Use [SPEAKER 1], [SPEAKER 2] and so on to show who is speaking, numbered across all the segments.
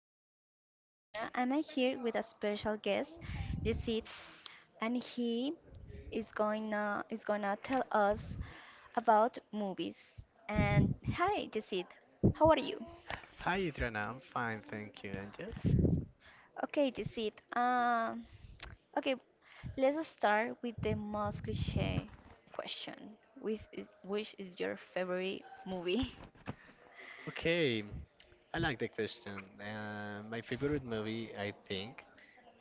[SPEAKER 1] Remember that my name is Adriana, and I'm here with a special guest, Yesid, and he is gonna tell us about movies. And hi, Yesid, how are you?
[SPEAKER 2] Hi, Adriana. I'm fine, thank you. And you?
[SPEAKER 1] Okay, Yesid. Okay, let's start with the most cliche question, which is your favorite movie?
[SPEAKER 2] Okay, I like the question. My favorite movie, I think,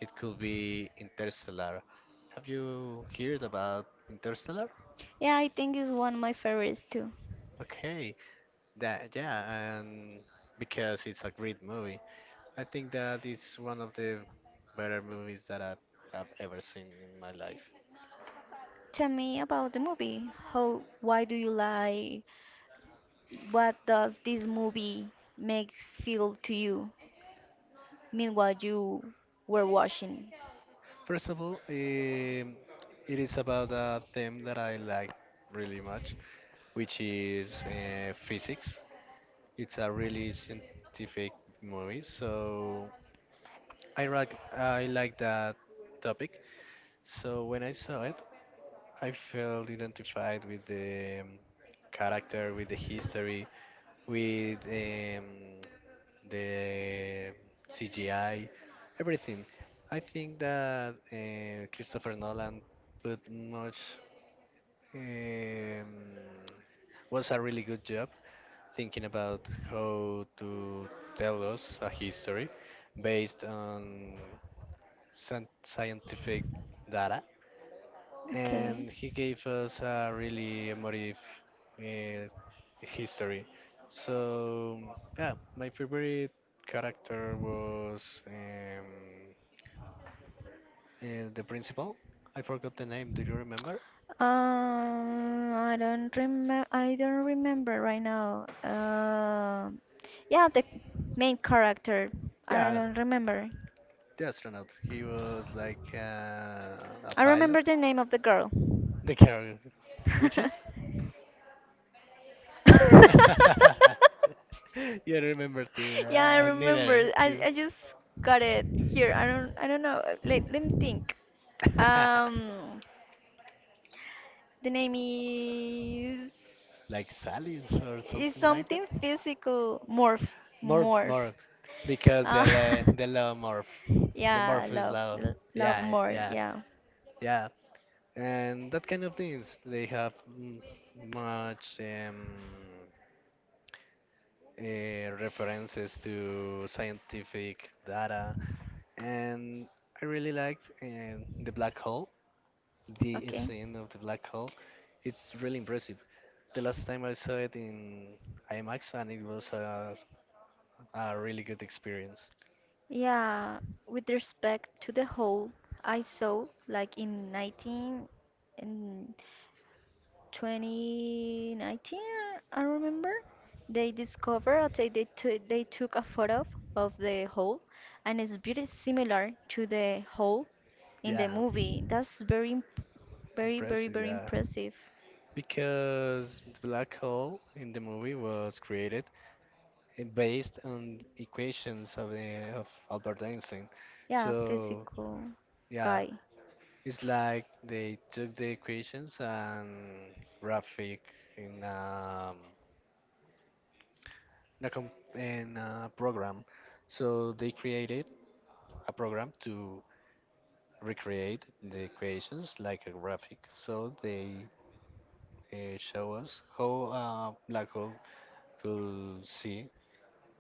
[SPEAKER 2] it could be Interstellar. Have you heard about Interstellar?
[SPEAKER 1] Yeah, I think it's one of my favorites too.
[SPEAKER 2] Okay, that yeah, and because it's a great movie, I think that it's one of the better movies that I have ever seen in my life.
[SPEAKER 1] Tell me about the movie. How, why do you like? What does this movie make feel to you? Meanwhile, you were watching.
[SPEAKER 2] First of all, it is about a theme that I like really much, which is physics. It's a really scientific movie, so I like that topic. So when I saw it, I felt identified with the character, with the history, with the CGI, everything. I think that Christopher Nolan put much um, was a really good job thinking about how to tell us a history based on scientific data,
[SPEAKER 1] Okay.
[SPEAKER 2] and he gave us a really emotive uh, history. So yeah, my favorite character was the principal. I forgot the name. Do you remember?
[SPEAKER 1] I don't remember. I don't remember right now. Yeah, the main character. I
[SPEAKER 2] Yeah,
[SPEAKER 1] don't remember.
[SPEAKER 2] the astronaut. He was like a
[SPEAKER 1] I
[SPEAKER 2] pilot.
[SPEAKER 1] remember the name of the girl.
[SPEAKER 2] The character, which is. You remember too?
[SPEAKER 1] Yeah, I remember.
[SPEAKER 2] Neither.
[SPEAKER 1] I,
[SPEAKER 2] You.
[SPEAKER 1] I just got it here. I don't know. Let me think. Um, the name is
[SPEAKER 2] Like Sally's or
[SPEAKER 1] is
[SPEAKER 2] something like that.
[SPEAKER 1] something physical.
[SPEAKER 2] Morph,
[SPEAKER 1] Morph.
[SPEAKER 2] morph, because
[SPEAKER 1] Uh,
[SPEAKER 2] the love morph, the
[SPEAKER 1] yeah,
[SPEAKER 2] morph is
[SPEAKER 1] love,
[SPEAKER 2] law.
[SPEAKER 1] the love
[SPEAKER 2] Yeah,
[SPEAKER 1] more.
[SPEAKER 2] yeah,
[SPEAKER 1] Yeah.
[SPEAKER 2] yeah, and that kind of things. They have much references to scientific data, and I really liked the black hole. The
[SPEAKER 1] Okay.
[SPEAKER 2] scene of the black hole, it's really impressive. The last time I saw it in IMAX, and it was a really good experience.
[SPEAKER 1] Yeah. With respect to the whole, I saw like in 2019, I remember, they discovered or they took a photo of the hole, and it's very similar to the hole in the
[SPEAKER 2] Yeah.
[SPEAKER 1] movie.
[SPEAKER 2] Impressive,
[SPEAKER 1] Very
[SPEAKER 2] yeah.
[SPEAKER 1] impressive.
[SPEAKER 2] Because the black hole in the movie was created based on equations of Albert Einstein.
[SPEAKER 1] Yeah,
[SPEAKER 2] So
[SPEAKER 1] physical
[SPEAKER 2] yeah,
[SPEAKER 1] guy.
[SPEAKER 2] it's like they took the equations and graphic in, a com in a program. So they created a program to recreate the equations like a graphic. So they show us how a black hole could see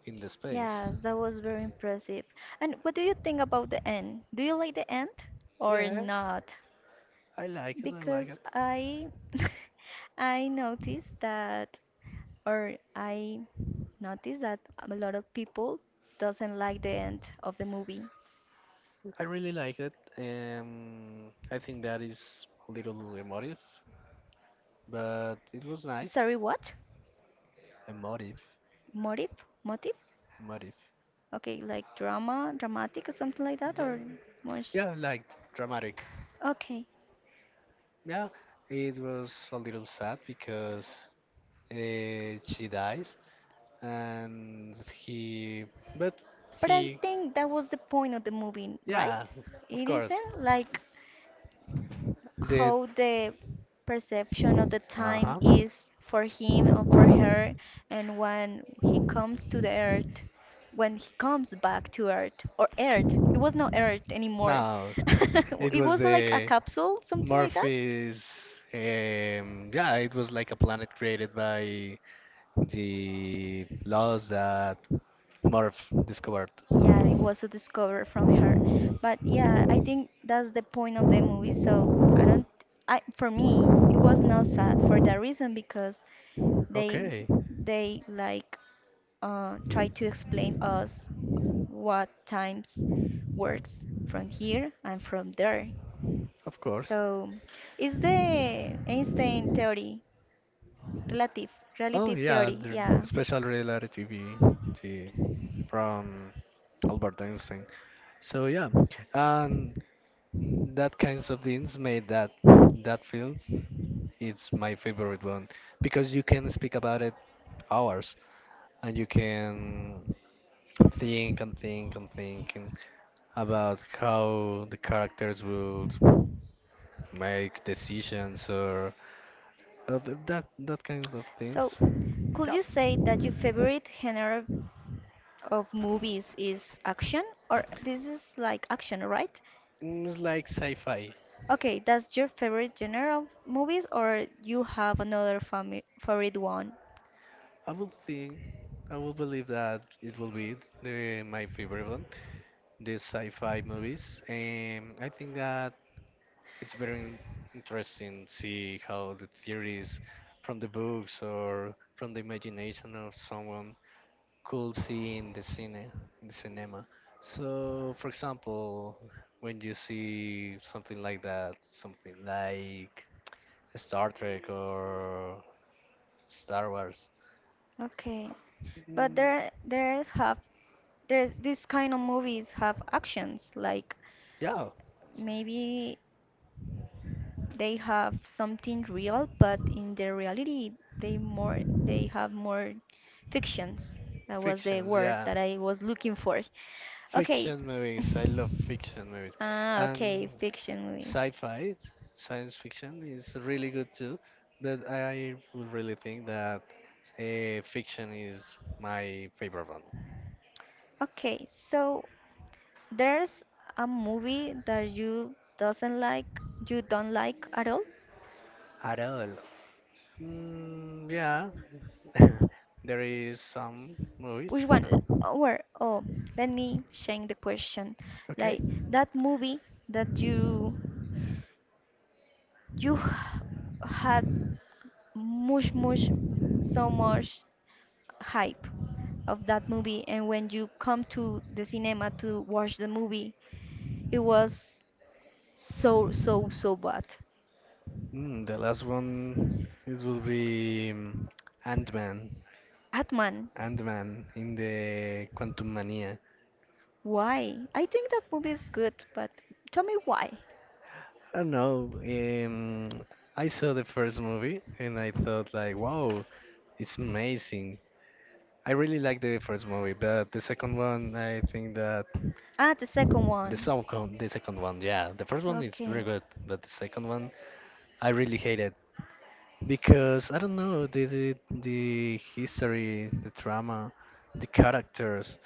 [SPEAKER 2] in the space.
[SPEAKER 1] Yes, that was very impressive. And what do you think about the end? Do you like the end or
[SPEAKER 2] Yeah,
[SPEAKER 1] not?
[SPEAKER 2] I like it. I like it.
[SPEAKER 1] Because I I noticed that I noticed that a lot of people doesn't like the end of the movie.
[SPEAKER 2] I really like it. I think that is a little emotive, but it was nice.
[SPEAKER 1] Sorry, what?
[SPEAKER 2] Emotive,
[SPEAKER 1] Motive? Motive?
[SPEAKER 2] emotive.
[SPEAKER 1] Okay, like drama, dramatic or something like that
[SPEAKER 2] Yeah,
[SPEAKER 1] or more sh-
[SPEAKER 2] yeah, like dramatic.
[SPEAKER 1] Okay.
[SPEAKER 2] Yeah, it was a little sad because she dies, and but
[SPEAKER 1] But I
[SPEAKER 2] he,
[SPEAKER 1] think that was the point of the movie, right?
[SPEAKER 2] yeah, of
[SPEAKER 1] It
[SPEAKER 2] course,
[SPEAKER 1] isn't like
[SPEAKER 2] the
[SPEAKER 1] how the perception of the time
[SPEAKER 2] uh-huh.
[SPEAKER 1] is for him and for her, and when he comes to the earth, when he comes back to earth or earth it was not earth anymore.
[SPEAKER 2] No, it
[SPEAKER 1] It
[SPEAKER 2] was
[SPEAKER 1] was like a
[SPEAKER 2] a
[SPEAKER 1] capsule, something like that.
[SPEAKER 2] Murphy's. Yeah, it was like a planet created by the laws that Murph discovered.
[SPEAKER 1] Yeah, it was a discovery from her. But yeah, I think that's the point of the movie. So I don't, I for me it was not sad for that reason because they
[SPEAKER 2] Okay,
[SPEAKER 1] they like try to explain us what times works from here and from there.
[SPEAKER 2] of course.
[SPEAKER 1] So, is the Einstein theory relative
[SPEAKER 2] Oh
[SPEAKER 1] relative
[SPEAKER 2] yeah,
[SPEAKER 1] theory?
[SPEAKER 2] the
[SPEAKER 1] Yeah.
[SPEAKER 2] special relativity the- from Albert Einstein. So yeah, and that kinds of things made that that film is my favorite one, because you can speak about it hours, and you can think and think and think and about how the characters would make decisions, or uh, that kinds of things.
[SPEAKER 1] So, could
[SPEAKER 2] Yeah,
[SPEAKER 1] you say that your favorite genre of movies is action, or this is like action, right?
[SPEAKER 2] it's like sci-fi.
[SPEAKER 1] Okay, that's your favorite genre of movies, or you have another fami favorite one?
[SPEAKER 2] I would think, I would believe that it will be my favorite one, the sci-fi movies. And I think that it's very interesting to see how the theories from the books or from the imagination of someone could see in in the cinema. So, for example, when you see something like that, something like Star Trek or Star Wars.
[SPEAKER 1] Okay, but
[SPEAKER 2] mm,
[SPEAKER 1] there's these kind of movies have actions like
[SPEAKER 2] yeah,
[SPEAKER 1] maybe they have something real, but in the reality they more they have more fictions. That was the
[SPEAKER 2] fictions,
[SPEAKER 1] word
[SPEAKER 2] yeah,
[SPEAKER 1] that I was looking for. Okay.
[SPEAKER 2] fiction movies. I love fiction movies,
[SPEAKER 1] Ah, okay,
[SPEAKER 2] and
[SPEAKER 1] fiction movie.
[SPEAKER 2] sci-fi, science fiction is really good too. But I would really think that fiction is my favorite one.
[SPEAKER 1] Okay, so there's a movie that you doesn't like, you don't like at all?
[SPEAKER 2] At all. Yeah, there is some movies.
[SPEAKER 1] Which one? Or oh, let me change the question.
[SPEAKER 2] Okay.
[SPEAKER 1] Like that movie that you h- had much much so much hype of that movie, and when you come to the cinema to watch the movie, it was so so so bad.
[SPEAKER 2] The last one it will be Ant-Man.
[SPEAKER 1] Atman,
[SPEAKER 2] Ant-Man in the Quantum Mania.
[SPEAKER 1] why? I think that movie is good, but tell me why.
[SPEAKER 2] I don't know. I saw the first movie and I thought like, wow, it's amazing. I really like the first movie, but the second one, I think that
[SPEAKER 1] Ah, the second one.
[SPEAKER 2] the second one, yeah, the first one is very
[SPEAKER 1] Okay.
[SPEAKER 2] good, but the second one, I really hated, because I don't know the history, the drama, the characters,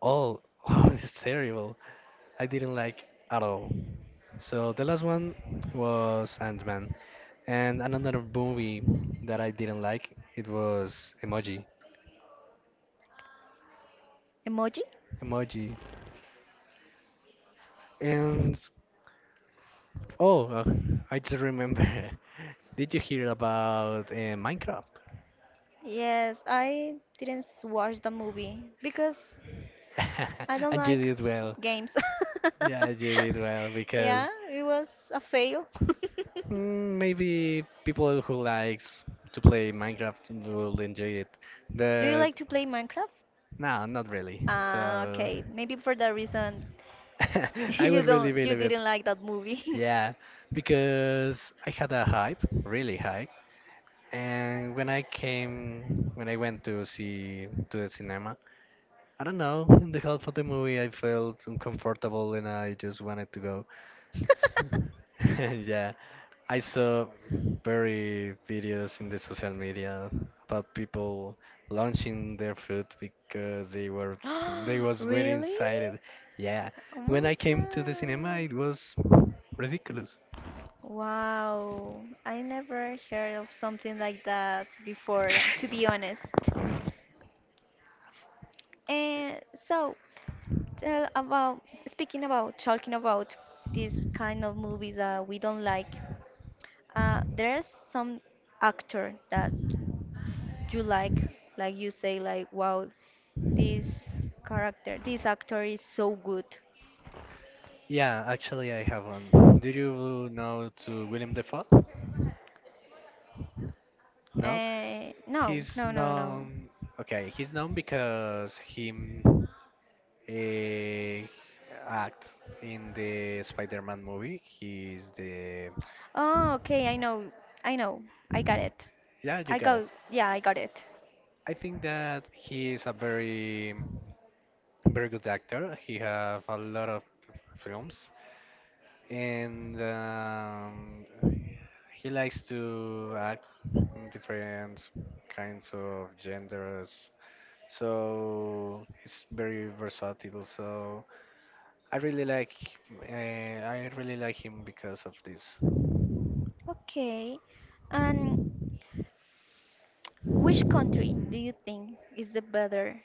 [SPEAKER 2] all. Oh, it's terrible. I didn't like at all. So the last one was Ant-Man, and another movie that I didn't like it was Emoji.
[SPEAKER 1] Emoji?
[SPEAKER 2] Emoji. And oh, I just remember. Did you hear about Minecraft?
[SPEAKER 1] Yes, I didn't s- watch the movie because I don't
[SPEAKER 2] And you
[SPEAKER 1] like
[SPEAKER 2] did well.
[SPEAKER 1] games.
[SPEAKER 2] Yeah, you did well,
[SPEAKER 1] Yeah,
[SPEAKER 2] because
[SPEAKER 1] it was a fail.
[SPEAKER 2] Maybe people who likes to play Minecraft will enjoy it,
[SPEAKER 1] Do you
[SPEAKER 2] but
[SPEAKER 1] like to play Minecraft?
[SPEAKER 2] no, not really.
[SPEAKER 1] Ah,
[SPEAKER 2] So
[SPEAKER 1] okay. Maybe for that reason
[SPEAKER 2] I will really
[SPEAKER 1] you
[SPEAKER 2] believe it.
[SPEAKER 1] didn't like that movie.
[SPEAKER 2] Yeah, because I had a hype, really high, and when I went to see to the cinema, I don't know, in the half of the movie I felt uncomfortable and I just wanted to go. Yeah, I saw very videos in the social media about people launching their food, because they was very
[SPEAKER 1] Really?
[SPEAKER 2] excited. Yeah,
[SPEAKER 1] Oh
[SPEAKER 2] when
[SPEAKER 1] my
[SPEAKER 2] I came to the cinema,
[SPEAKER 1] God.
[SPEAKER 2] it was ridiculous.
[SPEAKER 1] Wow. I never heard of something like that before, yeah, to be honest. And so, tell about speaking about talking about these kind of movies that we don't like. There's some actor that you like you say, like wow, this character, this actor is so good.
[SPEAKER 2] Yeah, actually, I have one. Do you know to William Defoe? No,
[SPEAKER 1] Uh, no,
[SPEAKER 2] he's
[SPEAKER 1] no, no, no.
[SPEAKER 2] known. Okay, he's known because he uh, act in the Spider-Man movie. He's the
[SPEAKER 1] Oh, okay, I know, I know, I got it.
[SPEAKER 2] Yeah, you
[SPEAKER 1] I
[SPEAKER 2] got
[SPEAKER 1] got,
[SPEAKER 2] it.
[SPEAKER 1] yeah, I got it.
[SPEAKER 2] I think that he is a very very good actor. He have a lot of films, and he likes to act in different kinds of genders. So he's very versatile. So I really like I really like him because of this
[SPEAKER 1] Okay, and which country do you think is the better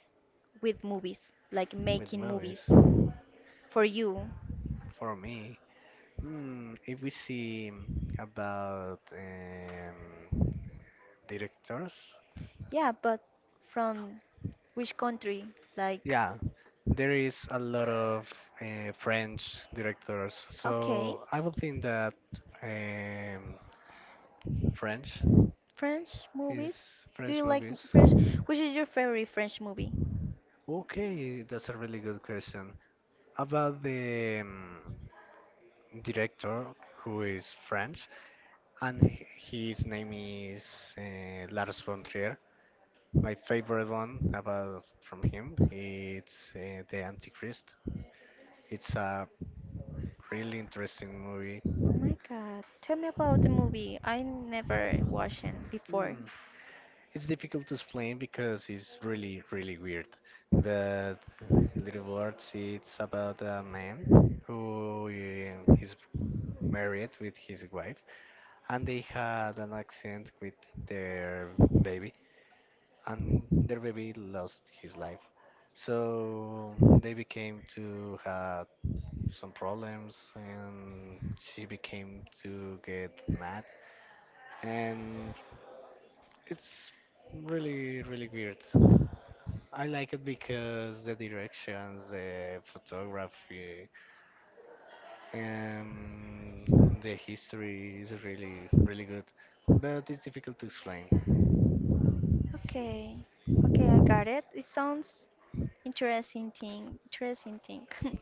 [SPEAKER 1] with movies, like
[SPEAKER 2] with
[SPEAKER 1] making
[SPEAKER 2] movies.
[SPEAKER 1] movies for you?
[SPEAKER 2] For me, if we see about directors.
[SPEAKER 1] Yeah, but from which country? Like,
[SPEAKER 2] Yeah, there is a lot of French directors,
[SPEAKER 1] okay,
[SPEAKER 2] so I would think that um, French
[SPEAKER 1] French
[SPEAKER 2] is
[SPEAKER 1] movies? Do
[SPEAKER 2] French
[SPEAKER 1] you like
[SPEAKER 2] movies.
[SPEAKER 1] French? Which is your favorite French movie?
[SPEAKER 2] Okay, that's a really good question about the director who is French, and his name is Lars von Trier. My favorite one about from him, it's The Antichrist. It's a really interesting movie.
[SPEAKER 1] Oh my God, tell me about the movie. I never watched it before.
[SPEAKER 2] Hmm. It's difficult to explain because it's really, really weird. But Little Words, it's about a man who is married with his wife, and they had an accident with their baby, and their baby lost his life. So they became to have some problems, and she became to get mad, and it's really, really weird. I like it because the directions, the photography, um, the history is really, really good, but it's difficult to explain.
[SPEAKER 1] Okay, okay, I got it. It sounds interesting thing, interesting thing.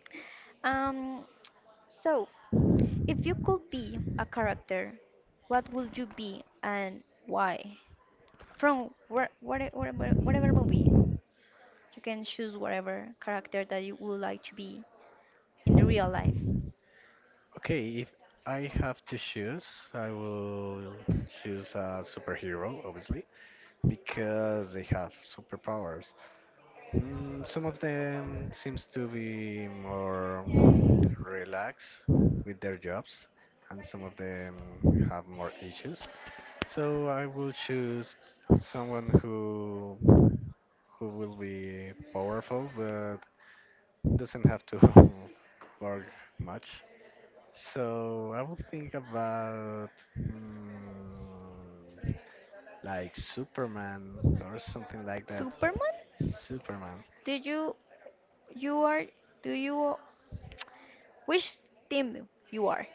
[SPEAKER 1] Um, so if you could be a character, what would you be and why? From whatever movie? You can choose whatever character that you would like to be in the real life.
[SPEAKER 2] Okay, if I have to choose, I will choose a superhero, obviously, because they have superpowers. Some of them seems to be more relaxed with their jobs, and some of them have more issues. So I will choose someone who will be powerful but doesn't have to work much. So I will think about mm, like Superman or something like that.
[SPEAKER 1] Superman?
[SPEAKER 2] Superman.
[SPEAKER 1] Did you you are do you Which team you are?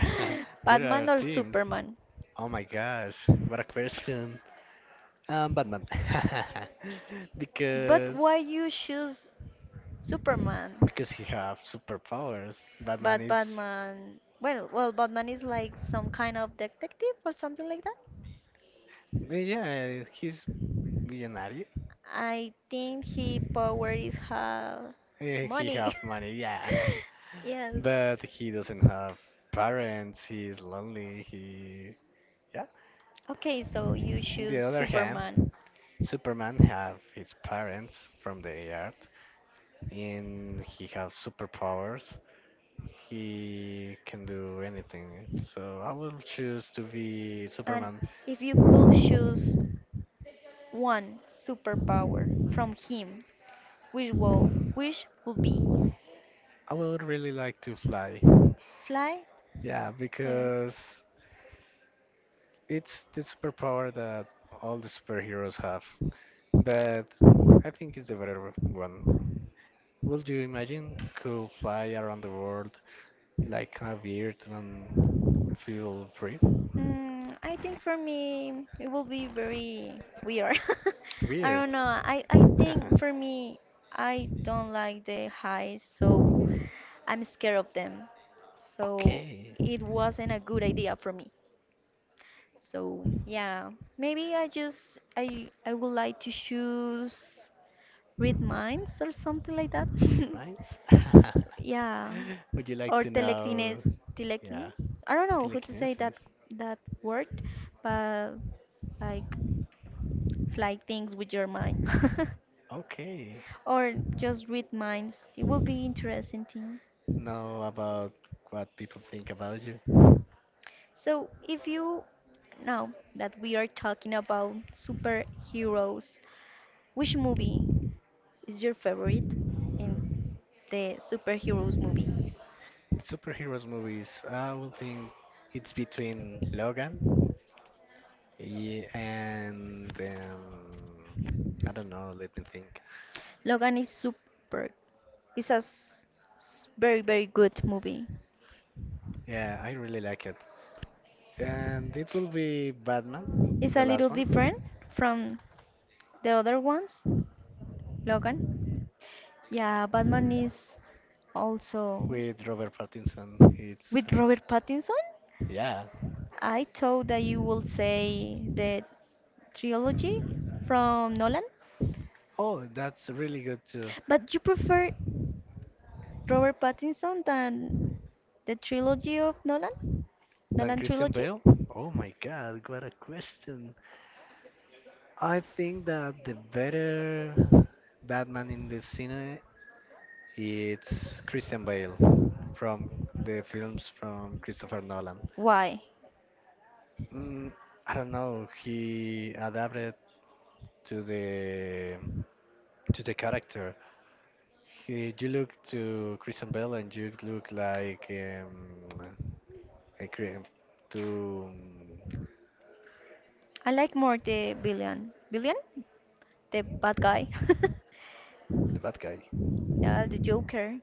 [SPEAKER 2] There are
[SPEAKER 1] Batman or
[SPEAKER 2] teams.
[SPEAKER 1] Superman?
[SPEAKER 2] Oh my gosh, what a question. Batman.
[SPEAKER 1] But
[SPEAKER 2] Because
[SPEAKER 1] why you choose Superman?
[SPEAKER 2] because he have superpowers. Batman
[SPEAKER 1] But
[SPEAKER 2] is
[SPEAKER 1] Batman, Batman is like some kind of detective or something like that.
[SPEAKER 2] yeah, he's millionaire.
[SPEAKER 1] I think he power is have
[SPEAKER 2] He
[SPEAKER 1] money.
[SPEAKER 2] have money, yeah,
[SPEAKER 1] Yes.
[SPEAKER 2] but he doesn't have parents. He is lonely. He Yeah.
[SPEAKER 1] Okay, so you
[SPEAKER 2] On the
[SPEAKER 1] choose
[SPEAKER 2] other hand,
[SPEAKER 1] Superman.
[SPEAKER 2] Superman have his parents from the Earth, and he have superpowers. He can do anything. So I will choose to be
[SPEAKER 1] And
[SPEAKER 2] Superman.
[SPEAKER 1] if you could choose one superpower from him, which would be?
[SPEAKER 2] I would really like to fly.
[SPEAKER 1] Fly?
[SPEAKER 2] Yeah,
[SPEAKER 1] So,
[SPEAKER 2] because it's the superpower that all the superheroes have, but I think it's the better one. Would you imagine could fly around the world like a bird and feel free?
[SPEAKER 1] I think for me it will be very weird. I
[SPEAKER 2] Weird.
[SPEAKER 1] don't know. I think for me I don't like the highs, so I'm scared of them. So
[SPEAKER 2] Okay,
[SPEAKER 1] it wasn't a good idea for me. So yeah, maybe I just I would like to choose read minds or something like that.
[SPEAKER 2] read minds.
[SPEAKER 1] Yeah,
[SPEAKER 2] Would you like
[SPEAKER 1] or
[SPEAKER 2] to know? Yeah,
[SPEAKER 1] telekinesis. I don't know how to say that
[SPEAKER 2] telekinesis.
[SPEAKER 1] that word, but like fly things with your mind,
[SPEAKER 2] Okay,
[SPEAKER 1] or just read minds. It will be interesting thing.
[SPEAKER 2] know about what people think about you.
[SPEAKER 1] So if you now that we are talking about superheroes, which movie is your favorite in the superheroes movies?
[SPEAKER 2] In superheroes movies, I would think it's between Logan, yeah, and I don't know. Let me think.
[SPEAKER 1] Logan is super. It's a s- s- very, very good movie.
[SPEAKER 2] Yeah, I really like it, and it will be Batman,
[SPEAKER 1] It's
[SPEAKER 2] the
[SPEAKER 1] a little
[SPEAKER 2] last one,
[SPEAKER 1] different from the other ones, Logan. Yeah, Batman is also
[SPEAKER 2] with Robert Pattinson. It's
[SPEAKER 1] with Robert Pattinson.
[SPEAKER 2] Yeah.
[SPEAKER 1] I thought that you will say the trilogy from Nolan,
[SPEAKER 2] Oh, that's really good too.
[SPEAKER 1] but you prefer Robert Pattinson than the trilogy of Nolan?
[SPEAKER 2] Than
[SPEAKER 1] Nolan
[SPEAKER 2] Christian
[SPEAKER 1] trilogy?
[SPEAKER 2] Bale? Oh my God, what a question. I think that the better Batman in the cinema it's Christian Bale, from the films from Christopher Nolan.
[SPEAKER 1] Why?
[SPEAKER 2] Mm, I don't know. He adapted to the to the character. You look to Christian Bale and you look like a to
[SPEAKER 1] I like more the villain. Villain? The bad guy.
[SPEAKER 2] the bad guy.
[SPEAKER 1] Yeah, the Joker.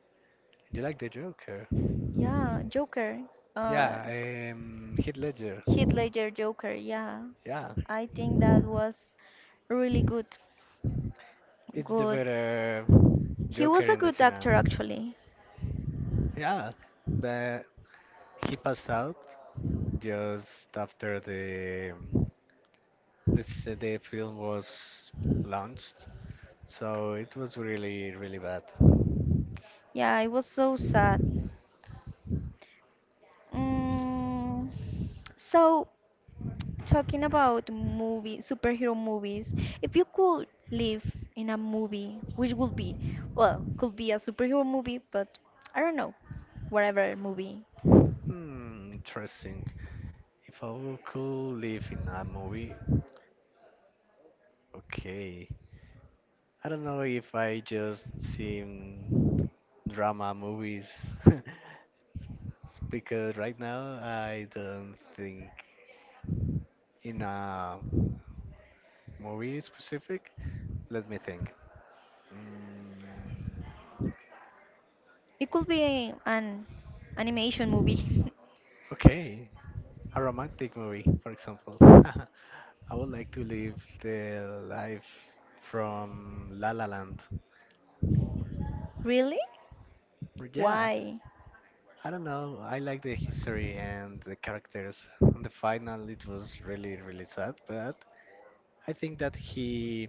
[SPEAKER 2] You like the Joker?
[SPEAKER 1] Yeah, Joker. Uh, f-
[SPEAKER 2] Yeah, Heath Ledger.
[SPEAKER 1] Heath Ledger Joker. Yeah,
[SPEAKER 2] Yeah,
[SPEAKER 1] I think that was really good.
[SPEAKER 2] it's the
[SPEAKER 1] Good.
[SPEAKER 2] better
[SPEAKER 1] He
[SPEAKER 2] Joker
[SPEAKER 1] was a
[SPEAKER 2] in the
[SPEAKER 1] good
[SPEAKER 2] cinema.
[SPEAKER 1] actor, actually.
[SPEAKER 2] Yeah, but he passed out just after the let's say the film was launched. So it was really, really bad.
[SPEAKER 1] Yeah, it was so sad. Mm, so, talking about movie, superhero movies, if you could live in a movie, which would be, well, could be a superhero movie, but I don't know, whatever movie.
[SPEAKER 2] Hmm, interesting. If I could live in a movie, okay. I don't know if I just seen drama movies because right now I don't think in a movie specific. Let me think. Mm,
[SPEAKER 1] It could be an animation movie.
[SPEAKER 2] okay, a romantic movie, for example. I would like to live the life from La La Land.
[SPEAKER 1] Really?
[SPEAKER 2] Yeah,
[SPEAKER 1] Why?
[SPEAKER 2] I don't know. I like the history and the characters. On the final, it was really, really sad, but I think that he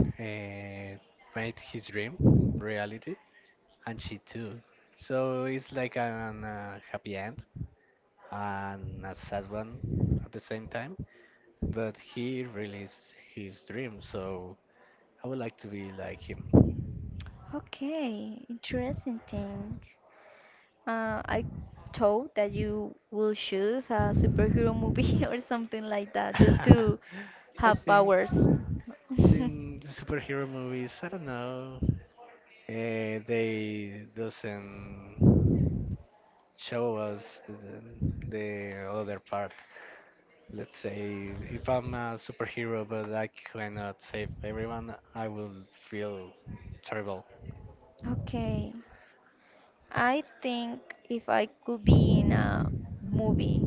[SPEAKER 2] uh, made his dream reality, and she too. So it's like an happy end and a sad one at the same time. But he released his dream, so I would like to be like him.
[SPEAKER 1] Okay, interesting thing. I thought that you will choose a superhero movie or something like that just to
[SPEAKER 2] I
[SPEAKER 1] have
[SPEAKER 2] think
[SPEAKER 1] powers.
[SPEAKER 2] in the superhero movies, I don't know, they doesn't show us the other part. Let's say if I'm a superhero but I cannot save everyone, I will feel terrible.
[SPEAKER 1] Okay, I think if I could be in a movie,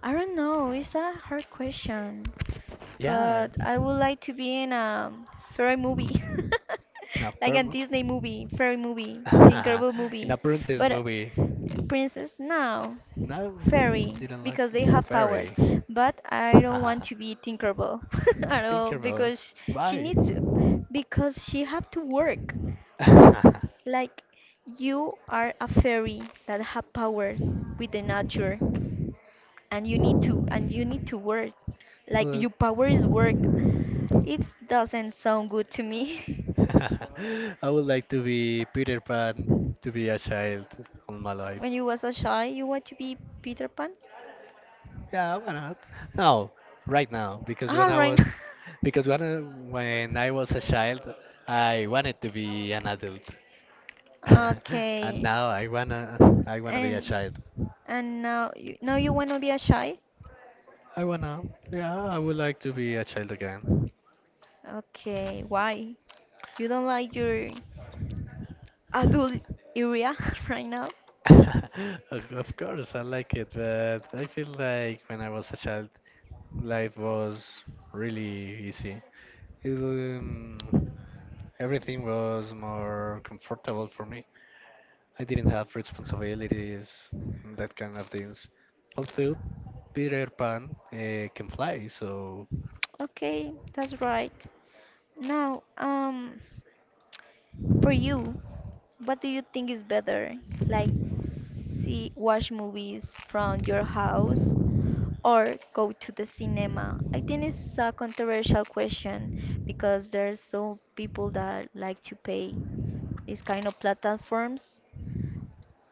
[SPEAKER 1] I don't know, it's a hard question,
[SPEAKER 2] Yeah,
[SPEAKER 1] but I would like to be in a fairy movie,
[SPEAKER 2] in a
[SPEAKER 1] like a
[SPEAKER 2] perm-
[SPEAKER 1] Disney movie, Tinkerbell
[SPEAKER 2] in
[SPEAKER 1] movie.
[SPEAKER 2] a princess
[SPEAKER 1] But
[SPEAKER 2] movie.
[SPEAKER 1] Princess, no.
[SPEAKER 2] No,
[SPEAKER 1] Fairy,
[SPEAKER 2] didn't like
[SPEAKER 1] because they
[SPEAKER 2] it.
[SPEAKER 1] have powers.
[SPEAKER 2] Very.
[SPEAKER 1] But I don't want to be Tinkerbell at
[SPEAKER 2] Think
[SPEAKER 1] all
[SPEAKER 2] about it.
[SPEAKER 1] because she
[SPEAKER 2] Bye.
[SPEAKER 1] needs to. Because she have to work. Like you are a fairy that have powers with the nature and you need to work. Like
[SPEAKER 2] Well,
[SPEAKER 1] your power is work. It doesn't sound good to me.
[SPEAKER 2] I would like to be Peter Pan, to be a child all my life.
[SPEAKER 1] When you was a child, you want to be Peter Pan?
[SPEAKER 2] Yeah, why not? No, right now, because
[SPEAKER 1] Ah,
[SPEAKER 2] when I
[SPEAKER 1] right.
[SPEAKER 2] was when I was a child, I wanted to be an adult, and
[SPEAKER 1] Okay.
[SPEAKER 2] now I wanna be a
[SPEAKER 1] And
[SPEAKER 2] child.
[SPEAKER 1] now you want to be a shy?
[SPEAKER 2] I wanna. Yeah, I would like to be a child again.
[SPEAKER 1] Okay, why? You don't like your adult area right now?
[SPEAKER 2] Of course, I like it, but I feel like when I was a child, life was really easy. It, um, Everything was more comfortable for me. I didn't have responsibilities, that kind of things. Also, Peter Pan can fly, so
[SPEAKER 1] Okay, that's right. Now, for you, what do you think is better? Like, see, watch movies from your house or go to the cinema? I think it's a controversial question because there's so people that like to pay these kind of platforms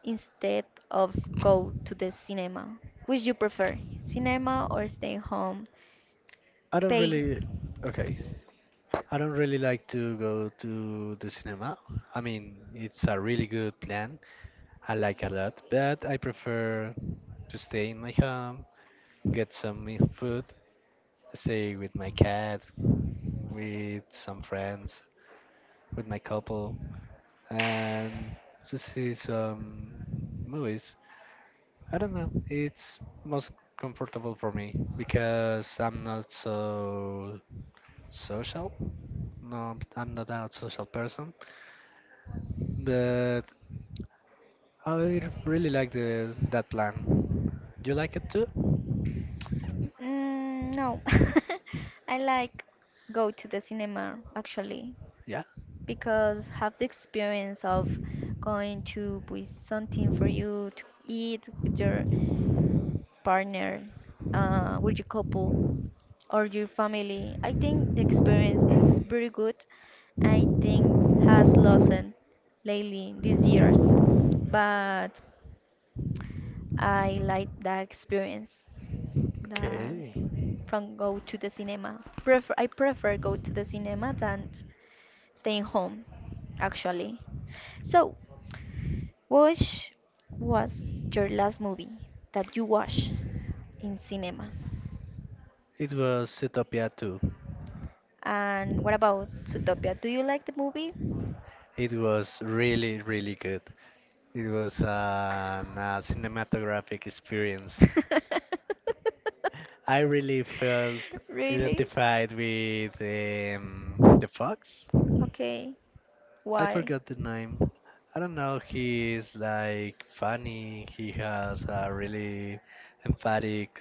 [SPEAKER 1] instead of go to the cinema? Which you prefer, cinema or stay home?
[SPEAKER 2] I don't
[SPEAKER 1] Pay.
[SPEAKER 2] really. Okay, I don't really like to go to the cinema. I mean, it's a really good plan, I like a lot, but I prefer to stay in my home, get some food, stay with my cat, with some friends, with my couple, and to see some movies. I don't know, it's most comfortable for me because I'm not so social. No, I'm not a social person, but I really like the that plan. You like it too?
[SPEAKER 1] Mm, no, I like go to the cinema actually
[SPEAKER 2] Yeah.
[SPEAKER 1] because have the experience of going to buy something for you to eat with your partner, with your couple, or your family. I think the experience is very good. I think has lessened lately these years, but I like that experience. The
[SPEAKER 2] Okay.
[SPEAKER 1] from go to the cinema. Prefer I prefer go to the cinema than staying home, actually. So what was your last movie that you watched in cinema?
[SPEAKER 2] It was Zootopia 2.
[SPEAKER 1] And what about Zootopia? Do you like the movie?
[SPEAKER 2] It was really, really good. It was an, a cinematographic experience. I really felt
[SPEAKER 1] Really?
[SPEAKER 2] identified with the fox.
[SPEAKER 1] Okay.
[SPEAKER 2] I
[SPEAKER 1] Why?
[SPEAKER 2] forgot the name. I don't know. He is like funny. He has a really emphatic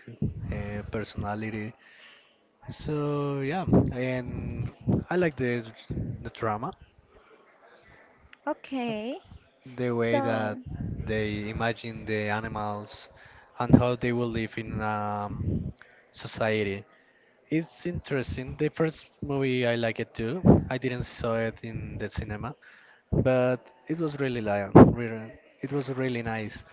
[SPEAKER 2] personality. So yeah, and I like the drama,
[SPEAKER 1] Okay.
[SPEAKER 2] the way that
[SPEAKER 1] So,
[SPEAKER 2] they imagine the animals and how they will live in society. It's interesting. The first movie I like it too. I didn't saw it in the cinema, but it was really lion. Really, it was really nice.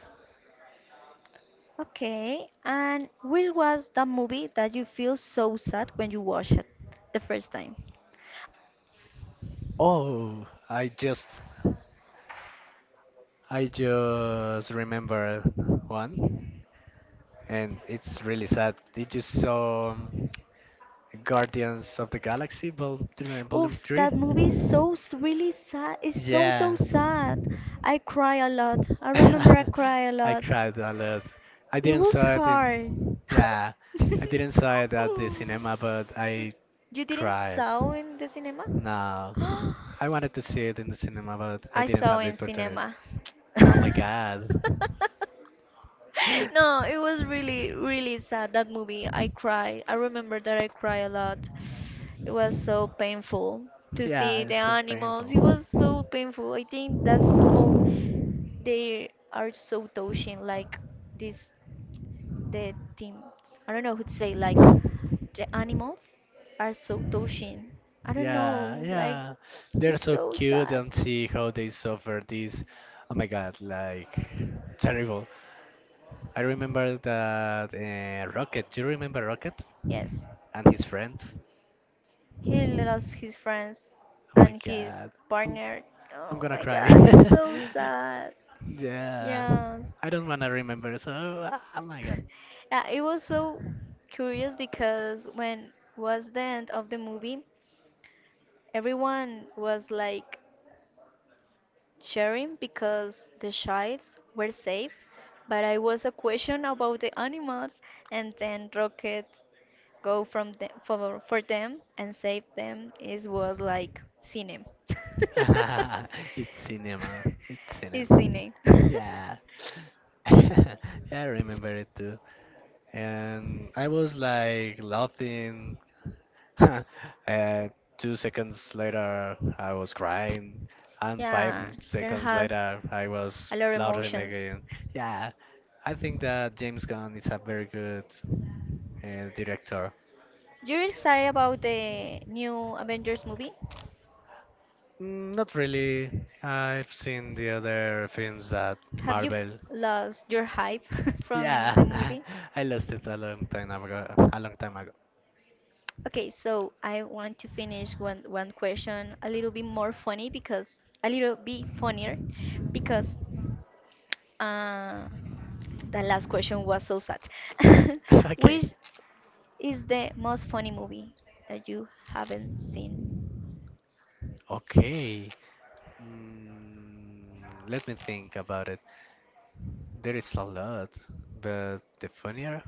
[SPEAKER 1] okay. And which was the movie that you feel so sad when you watch it the first time?
[SPEAKER 2] Oh, I just remember one, and it's really sad. Did you saw? Guardians of the Galaxy Vol. Volume
[SPEAKER 1] Oof,
[SPEAKER 2] 3?
[SPEAKER 1] that movie is so s- really sad. It's so so
[SPEAKER 2] Yeah.
[SPEAKER 1] sad. I cry a lot. I remember I cry a
[SPEAKER 2] I
[SPEAKER 1] lot.
[SPEAKER 2] cried a lot. I
[SPEAKER 1] It
[SPEAKER 2] didn't
[SPEAKER 1] was
[SPEAKER 2] saw it
[SPEAKER 1] hard.
[SPEAKER 2] in yeah, I didn't saw it at the cinema, but I
[SPEAKER 1] You didn't
[SPEAKER 2] cried.
[SPEAKER 1] saw in the cinema?
[SPEAKER 2] No, I wanted to see it in the cinema, but I
[SPEAKER 1] I
[SPEAKER 2] didn't
[SPEAKER 1] saw
[SPEAKER 2] have the
[SPEAKER 1] in
[SPEAKER 2] opportunity.
[SPEAKER 1] cinema.
[SPEAKER 2] Oh my god.
[SPEAKER 1] No, it was really, really sad, that movie. I cried. I remember that I cried a lot. It was so painful to
[SPEAKER 2] Yeah,
[SPEAKER 1] see the
[SPEAKER 2] it's so
[SPEAKER 1] animals. It
[SPEAKER 2] painful.
[SPEAKER 1] was so painful. I think that's more, they are so touching, like this, the things. I don't know who to say, like the animals are so touching. I don't
[SPEAKER 2] Yeah,
[SPEAKER 1] know, like
[SPEAKER 2] yeah. They're
[SPEAKER 1] it's
[SPEAKER 2] so
[SPEAKER 1] so
[SPEAKER 2] cute
[SPEAKER 1] sad.
[SPEAKER 2] and see how they suffer this. Oh my god, like terrible. I remember that Rocket. Do you remember Rocket
[SPEAKER 1] Yes.
[SPEAKER 2] and his friends?
[SPEAKER 1] He lost his friends
[SPEAKER 2] Oh my
[SPEAKER 1] and his
[SPEAKER 2] god.
[SPEAKER 1] partner.
[SPEAKER 2] I'm
[SPEAKER 1] Oh
[SPEAKER 2] gonna
[SPEAKER 1] my
[SPEAKER 2] cry.
[SPEAKER 1] god, it's so sad.
[SPEAKER 2] Yeah,
[SPEAKER 1] Yes.
[SPEAKER 2] I don't wanna remember. So, oh my god,
[SPEAKER 1] Yeah, it was so curious because when was the end of the movie, everyone was like sharing because the shites were safe, but I was a question about the animals and then Rocket go from the, for them and save them is was like cine.
[SPEAKER 2] it's cinema. It's
[SPEAKER 1] It's
[SPEAKER 2] cinema.
[SPEAKER 1] cine.
[SPEAKER 2] Yeah, yeah, I remember it too. And I was like laughing. uh, Two seconds later, I was crying, and five
[SPEAKER 1] Yeah, there
[SPEAKER 2] seconds
[SPEAKER 1] has
[SPEAKER 2] later, I was
[SPEAKER 1] a lot of
[SPEAKER 2] laughing
[SPEAKER 1] emotions.
[SPEAKER 2] again. Yeah, I think that James Gunn is a very good director.
[SPEAKER 1] You're excited about the new Avengers movie?
[SPEAKER 2] Mm, not really. I've seen the other films that
[SPEAKER 1] Have you
[SPEAKER 2] Marvel.
[SPEAKER 1] lost your hype from
[SPEAKER 2] Yeah,
[SPEAKER 1] the movie?
[SPEAKER 2] I lost it a long time ago. A long time ago.
[SPEAKER 1] Okay, so I want to finish one question a little bit more funny because a little bit funnier because Uh, the last question was so sad.
[SPEAKER 2] Okay.
[SPEAKER 1] Which is the most funny movie that you haven't seen?
[SPEAKER 2] Okay. Mm, Let me think about it. There is a lot, but the funnier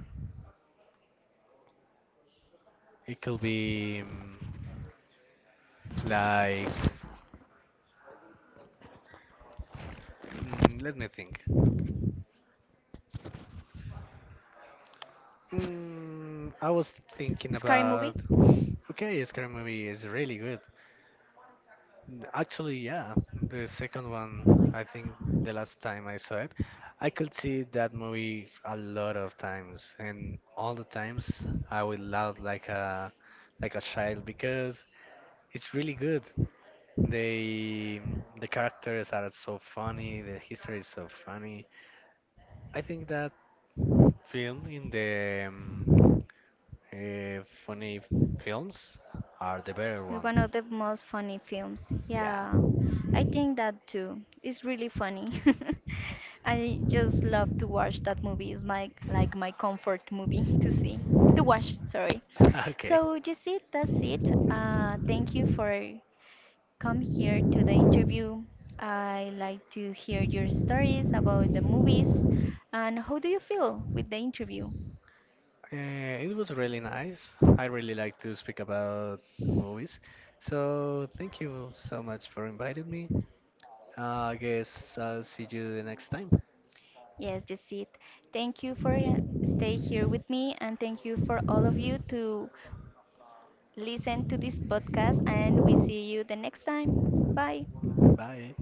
[SPEAKER 2] it could be like. Let me think. I was thinking
[SPEAKER 1] Scary Movie
[SPEAKER 2] about. Okay, Scary Movie is really good. Actually, yeah, the second one, I think the last time I saw it, I could see that movie a lot of times, and all the times I would laugh like a child because it's really good. They the characters are so funny, the history is so funny. I think that film in the funny films are the better
[SPEAKER 1] is one of
[SPEAKER 2] one.
[SPEAKER 1] the most funny films.
[SPEAKER 2] Yeah.
[SPEAKER 1] Yeah, I think that too. It's really funny. I just love to watch that movie. It's my like my comfort movie to see, to watch, sorry.
[SPEAKER 2] Okay.
[SPEAKER 1] So you see, that's it. Thank you for come here to the interview. I like to hear your stories about the movies and how do you feel with the interview?
[SPEAKER 2] It was really nice. I really like to speak about movies. So thank you so much for inviting me. I guess I'll see you the next time.
[SPEAKER 1] Yes, that's it. Thank you for stay here with me and thank you for all of you to listen to this podcast and we see you the next time. Bye.
[SPEAKER 2] Bye.